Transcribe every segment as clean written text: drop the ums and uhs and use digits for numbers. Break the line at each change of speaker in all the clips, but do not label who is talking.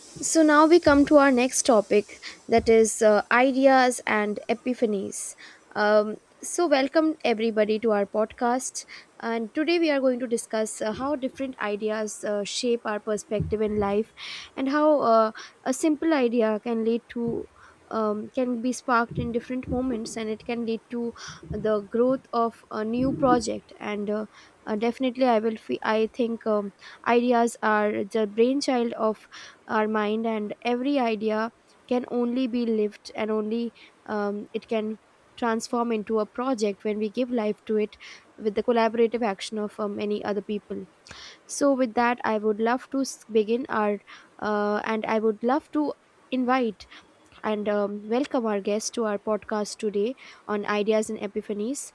So now we come to our next topic that is ideas and epiphanies. Um, Welcome everybody to our podcast. And today we are going to discuss how different ideas shape our perspective in life and how a simple idea can lead to. Can be sparked in different moments and it can lead to the growth of a new project and definitely I think ideas are the brainchild of our mind, and every idea can only be lived and only it can transform into a project when we give life to it with the collaborative action of many other people. So with that, I would love to s- begin our and I would love to invite and welcome our guest to our podcast today on ideas and epiphanies.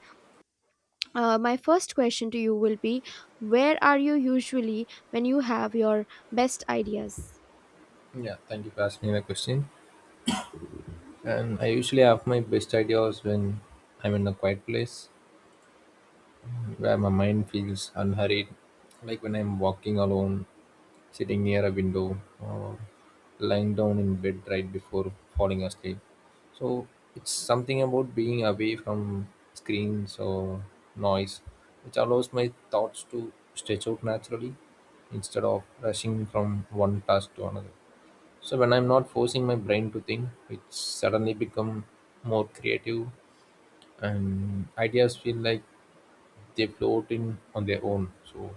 My first question to you will be, where are you usually when you have your best ideas?
Yeah, thank you for asking the question. And I usually have my best ideas when I'm in a quiet place where my mind feels unhurried, like when I'm walking alone, sitting near a window, or lying down in bed right before falling asleep. So it's something about being away from screens or noise, which allows my thoughts to stretch out naturally instead of rushing from one task to another. So when I'm not forcing my brain to think, it suddenly become more creative and ideas feel like they float in on their own. So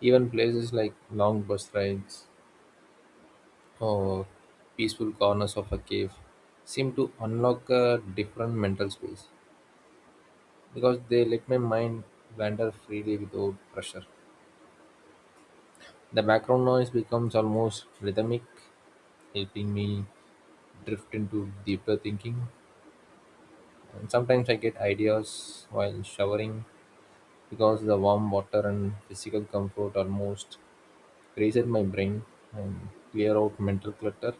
even places like long bus rides or peaceful corners of a cave seem to unlock a different mental space because they let my mind wander freely without pressure. The background noise becomes almost rhythmic, helping me drift into deeper thinking. And sometimes I get ideas while showering because the warm water and physical comfort almost reset my brain and clear out mental clutter.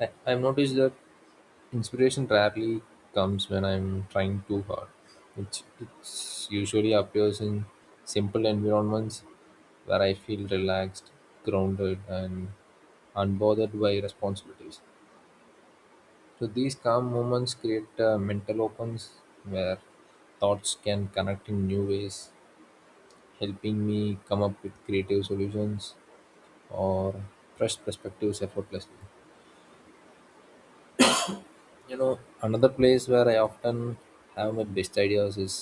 I've noticed that inspiration rarely comes when I'm trying too hard. It's usually appears in simple environments where I feel relaxed, grounded, and unbothered by responsibilities. So these calm moments create mental opens where thoughts can connect in new ways, helping me come up with creative solutions or fresh perspectives effortlessly. You know, another place where I often have my best ideas is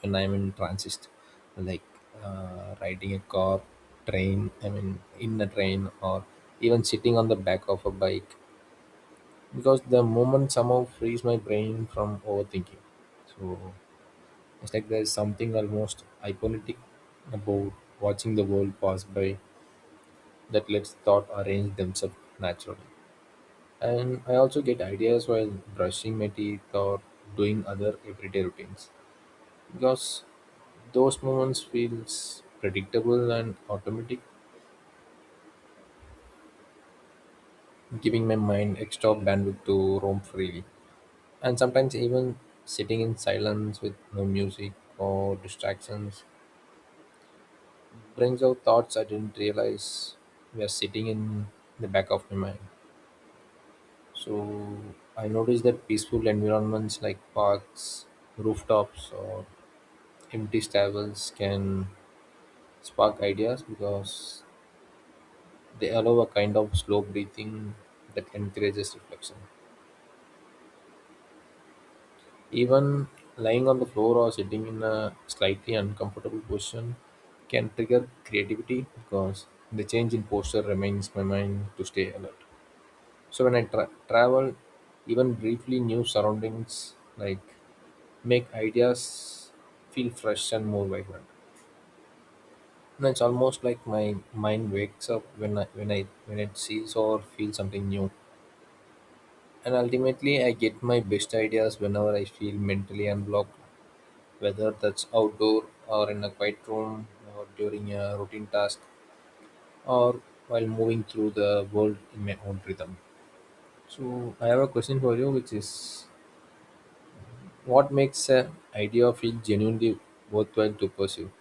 when I'm in transit, like riding a car, train, I mean, in a train, or even sitting on the back of a bike, because the moment somehow frees my brain from overthinking. So it's like there's something almost hypnotic about watching the world pass by that lets thought arrange themselves naturally. And I also get ideas while brushing my teeth or doing other everyday routines because those moments feels predictable and automatic, giving my mind extra bandwidth to roam freely. And sometimes even sitting in silence with no music or distractions brings out thoughts I didn't realize were sitting in the back of my mind. So I noticed that peaceful environments like parks, rooftops, or empty stables can spark ideas because they allow a kind of slow breathing that encourages reflection. Even lying on the floor or sitting in a slightly uncomfortable position can trigger creativity because the change in posture reminds my mind to stay alert. So when travel, even briefly, new surroundings like make ideas feel fresh and more vibrant. And it's almost like my mind wakes up when it sees or feels something new. And ultimately, I get my best ideas whenever I feel mentally unblocked, whether that's outdoor or in a quiet room or during a routine task or while moving through the world in my own rhythm. So I have a question for you, which is, what makes an idea feel genuinely worthwhile to pursue?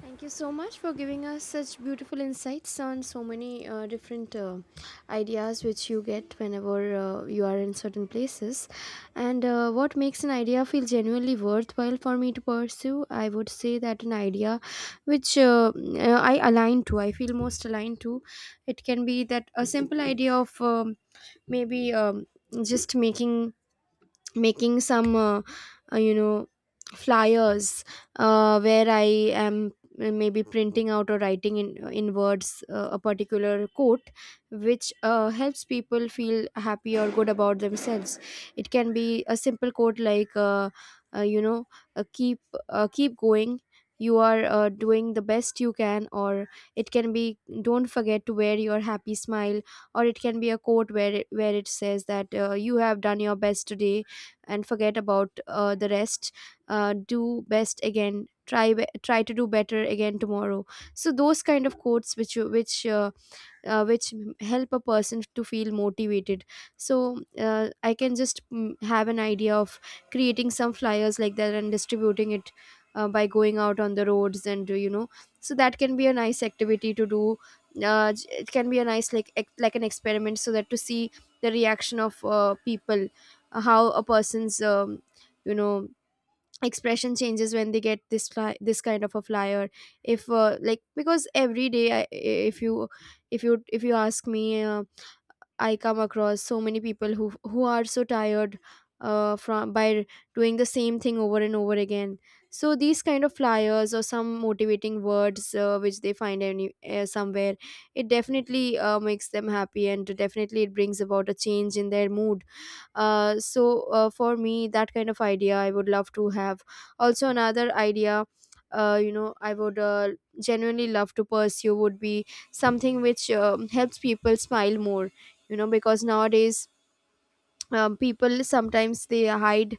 Thank you so much for giving us such beautiful insights on so many different ideas which you get whenever you are in certain places. And what makes an idea feel genuinely worthwhile for me to pursue? I would say that an idea which I align to, I feel most aligned to. It can be that a simple idea of maybe just making some uh, you know flyers where I am, maybe printing out or writing in words a particular quote which helps people feel happy or good about themselves. It can be a simple quote like uh, you know uh, keep keep going, you are doing the best you can. Or it can be, don't forget to wear your happy smile. Or it can be a quote where it says that you have done your best today and forget about the rest. Do best again, try to do better again tomorrow. So those kind of quotes which you- which m- help a person to feel motivated. So I can just have an idea of creating some flyers like that and distributing it by going out on the roads. And so that can be a nice activity to do. It can be a nice like an experiment so that to see the reaction of people, how a person's you know expression changes when they get this kind of a flyer. If like, because every day, if you ask me, I come across so many people who are so tired from by doing the same thing over and over again. So these kind of flyers, or some motivating words which they find any somewhere, it definitely makes them happy, and definitely it brings about a change in their mood. For me, that kind of idea I would love to have. Also, another idea I would genuinely love to pursue would be something which helps people smile more, you know, because nowadays people sometimes they hide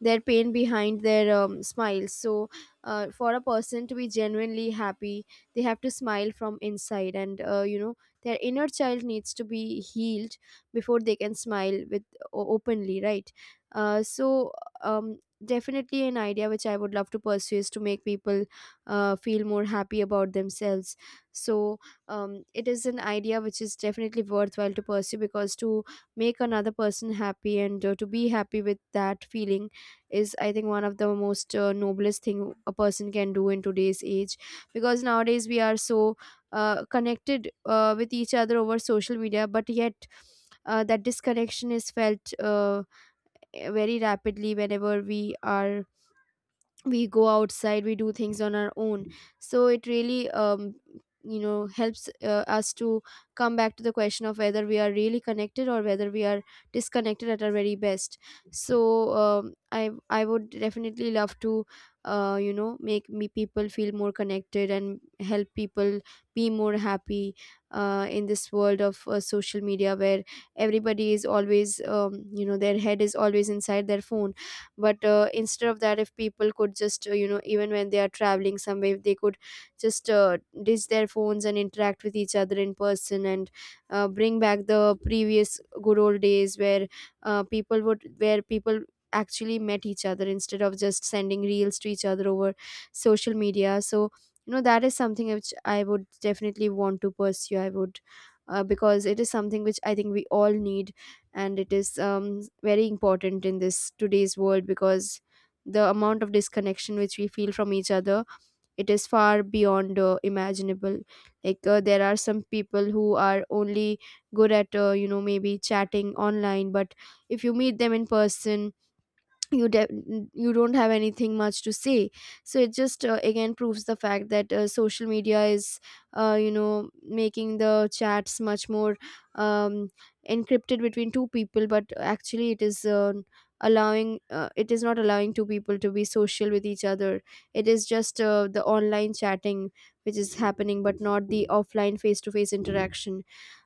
their pain behind their smiles. So for a person to be genuinely happy, they have to smile from inside. And their inner child needs to be healed before they can smile openly, right? uh, so um, Definitely an idea which I would love to pursue is to make people feel more happy about themselves. So it is an idea which is definitely worthwhile to pursue, because to make another person happy and to be happy with that feeling is, I think, one of the most noblest thing a person can do in today's age. Because nowadays we are so connected with each other over social media, but yet that disconnection is felt very rapidly whenever we are, we go outside, we do things on our own. So it really helps us to come back to the question of whether we are really connected or whether we are disconnected at our very best. So I would definitely love to make me people feel more connected and help people be more happy in this world of social media, where everybody is always their head is always inside their phone. But instead of that, if people could just even when they are traveling somewhere, if they could just ditch their phones and interact with each other in person, and bring back the previous good old days where people would where people actually met each other instead of just sending reels to each other over social media. So, you know, that is something which I would definitely want to pursue. I would Because it is something which I think we all need, and it is very important in this today's world, because the amount of disconnection which we feel from each other, it is far beyond imaginable. Like there are some people who are only good at maybe chatting online, but if you meet them in person, you don't have anything much to say. So it just again proves the fact that social media is making the chats much more um, encrypted between two people, but actually it is allowing it is not allowing two people to be social with each other. It is just the online chatting which is happening, but not the offline face to face interaction.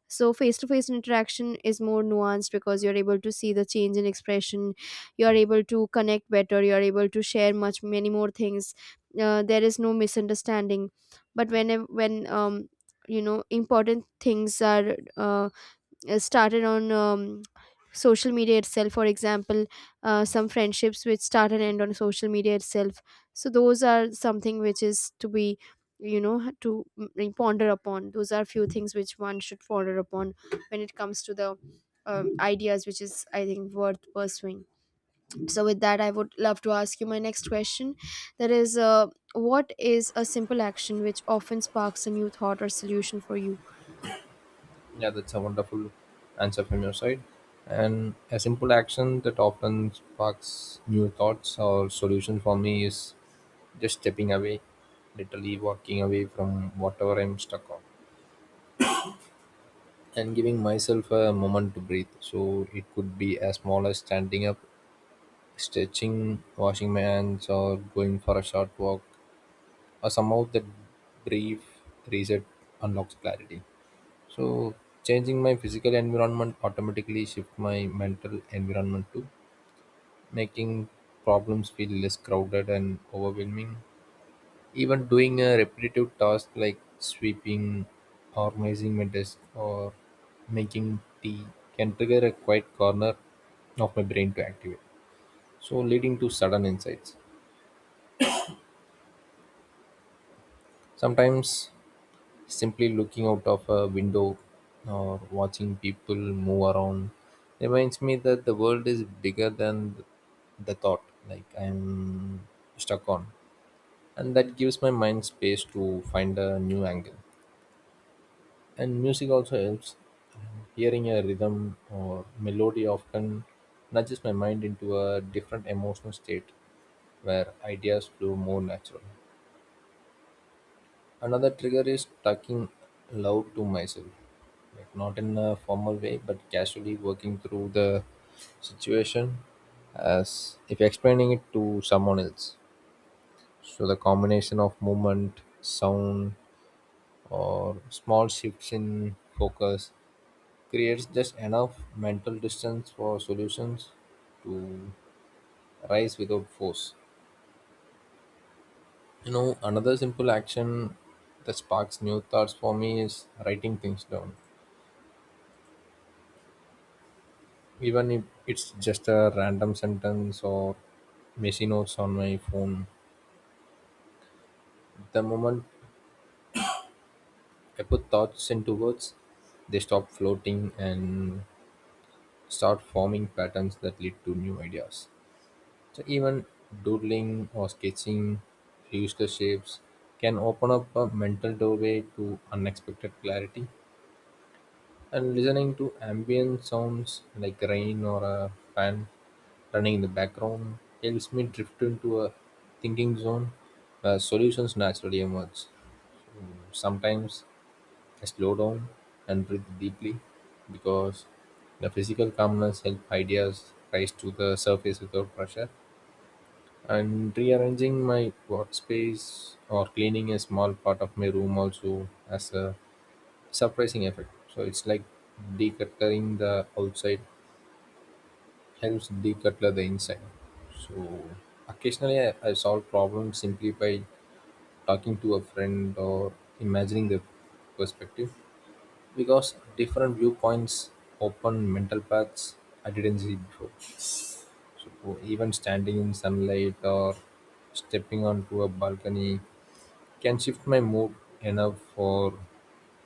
So face to face interaction is more nuanced, because you're able to see the change in expression, you're able to connect better, you're able to share much many more things. There is no misunderstanding. But when important things are started on social media itself. For example, some friendships which start and end on social media itself. So those are something which is to be, you know, to ponder upon. Those are few things which one should ponder upon when it comes to the ideas which is, I think, worth pursuing. So with that, I would love to ask you my next question, that is, what is a simple action which often sparks a new thought or solution for you?
Yeah, that's a wonderful answer from your side. And a simple action that often sparks new thoughts or solutions for me is just stepping away, literally walking away from whatever I'm stuck on, and giving myself a moment to breathe. So it could be as small as standing up, stretching, washing my hands, or going for a short walk, or somehow that brief reset unlocks clarity. So changing my physical environment automatically shift my mental environment too, making problems feel less crowded and overwhelming. Even doing a repetitive task like sweeping, organizing my desk, or making tea can trigger a quiet corner of my brain to activate, so leading to sudden insights. Sometimes simply looking out of a window or watching people move around reminds me that the world is bigger than the thought like I'm stuck on. And that gives my mind space to find a new angle. And music also helps. Hearing a rhythm or melody often nudges my mind into a different emotional state where ideas flow more naturally. Another trigger is talking loud to myself, like not in a formal way, but casually working through the situation as if explaining it to someone else. So the combination of movement, sound, or small shifts in focus creates just enough mental distance for solutions to rise without force. You know, another simple action that sparks new thoughts for me is writing things down, even if it's just a random sentence or messy notes on my phone. The moment I put thoughts into words, they stop floating and start forming patterns that lead to new ideas. So even doodling or sketching reduced shapes can open up a mental doorway to unexpected clarity. And listening to ambient sounds like rain or a fan running in the background helps me drift into a thinking zone where solutions naturally emerge. Sometimes I slow down and breathe deeply because the physical calmness helps ideas rise to the surface without pressure. And rearranging my workspace or cleaning a small part of my room also as a surprising effect. So it's like decluttering the outside helps declutter the inside. So occasionally I solve problems simply by talking to a friend or imagining their perspective, because different viewpoints open mental paths I didn't see before. So even standing in sunlight or stepping onto a balcony can shift my mood enough for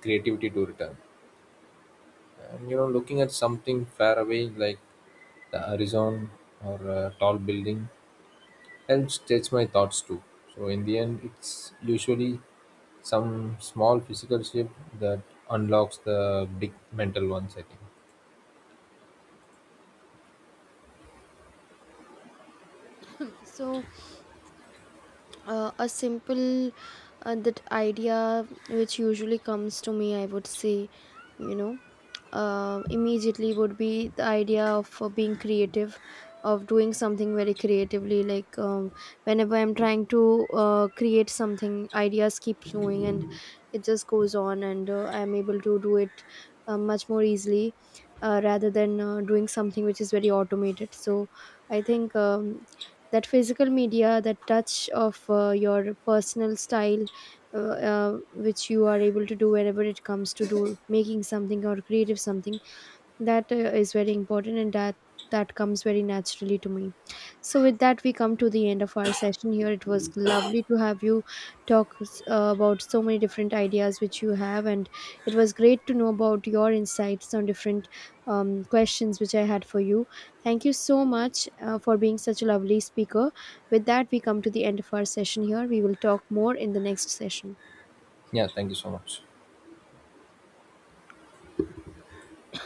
creativity to return. And you know, looking at something far away like the horizon or a tall building helps stretch my thoughts too. So, in the end, it's usually some small physical shift that unlocks the big mental ones, I think.
So a simple that idea which usually comes to me, I would say, you know, immediately, would be the idea of being creative, of doing something very creatively. Like whenever I'm trying to create something, ideas keep flowing and it just goes on, and I'm able to do it much more easily rather than doing something which is very automated. So I think that physical media, that touch of your personal style which you are able to do whenever it comes to do making something or creative something, that is very important, and that comes very naturally to me. So with that, we come to the end of our session here. It was lovely to have you talk about so many different ideas which you have, and it was great to know about your insights on different questions which I had for you. Thank you so much for being such a lovely speaker. With that, we come to the end of our session here. We will talk more in the next session.
Yeah, thank you so much.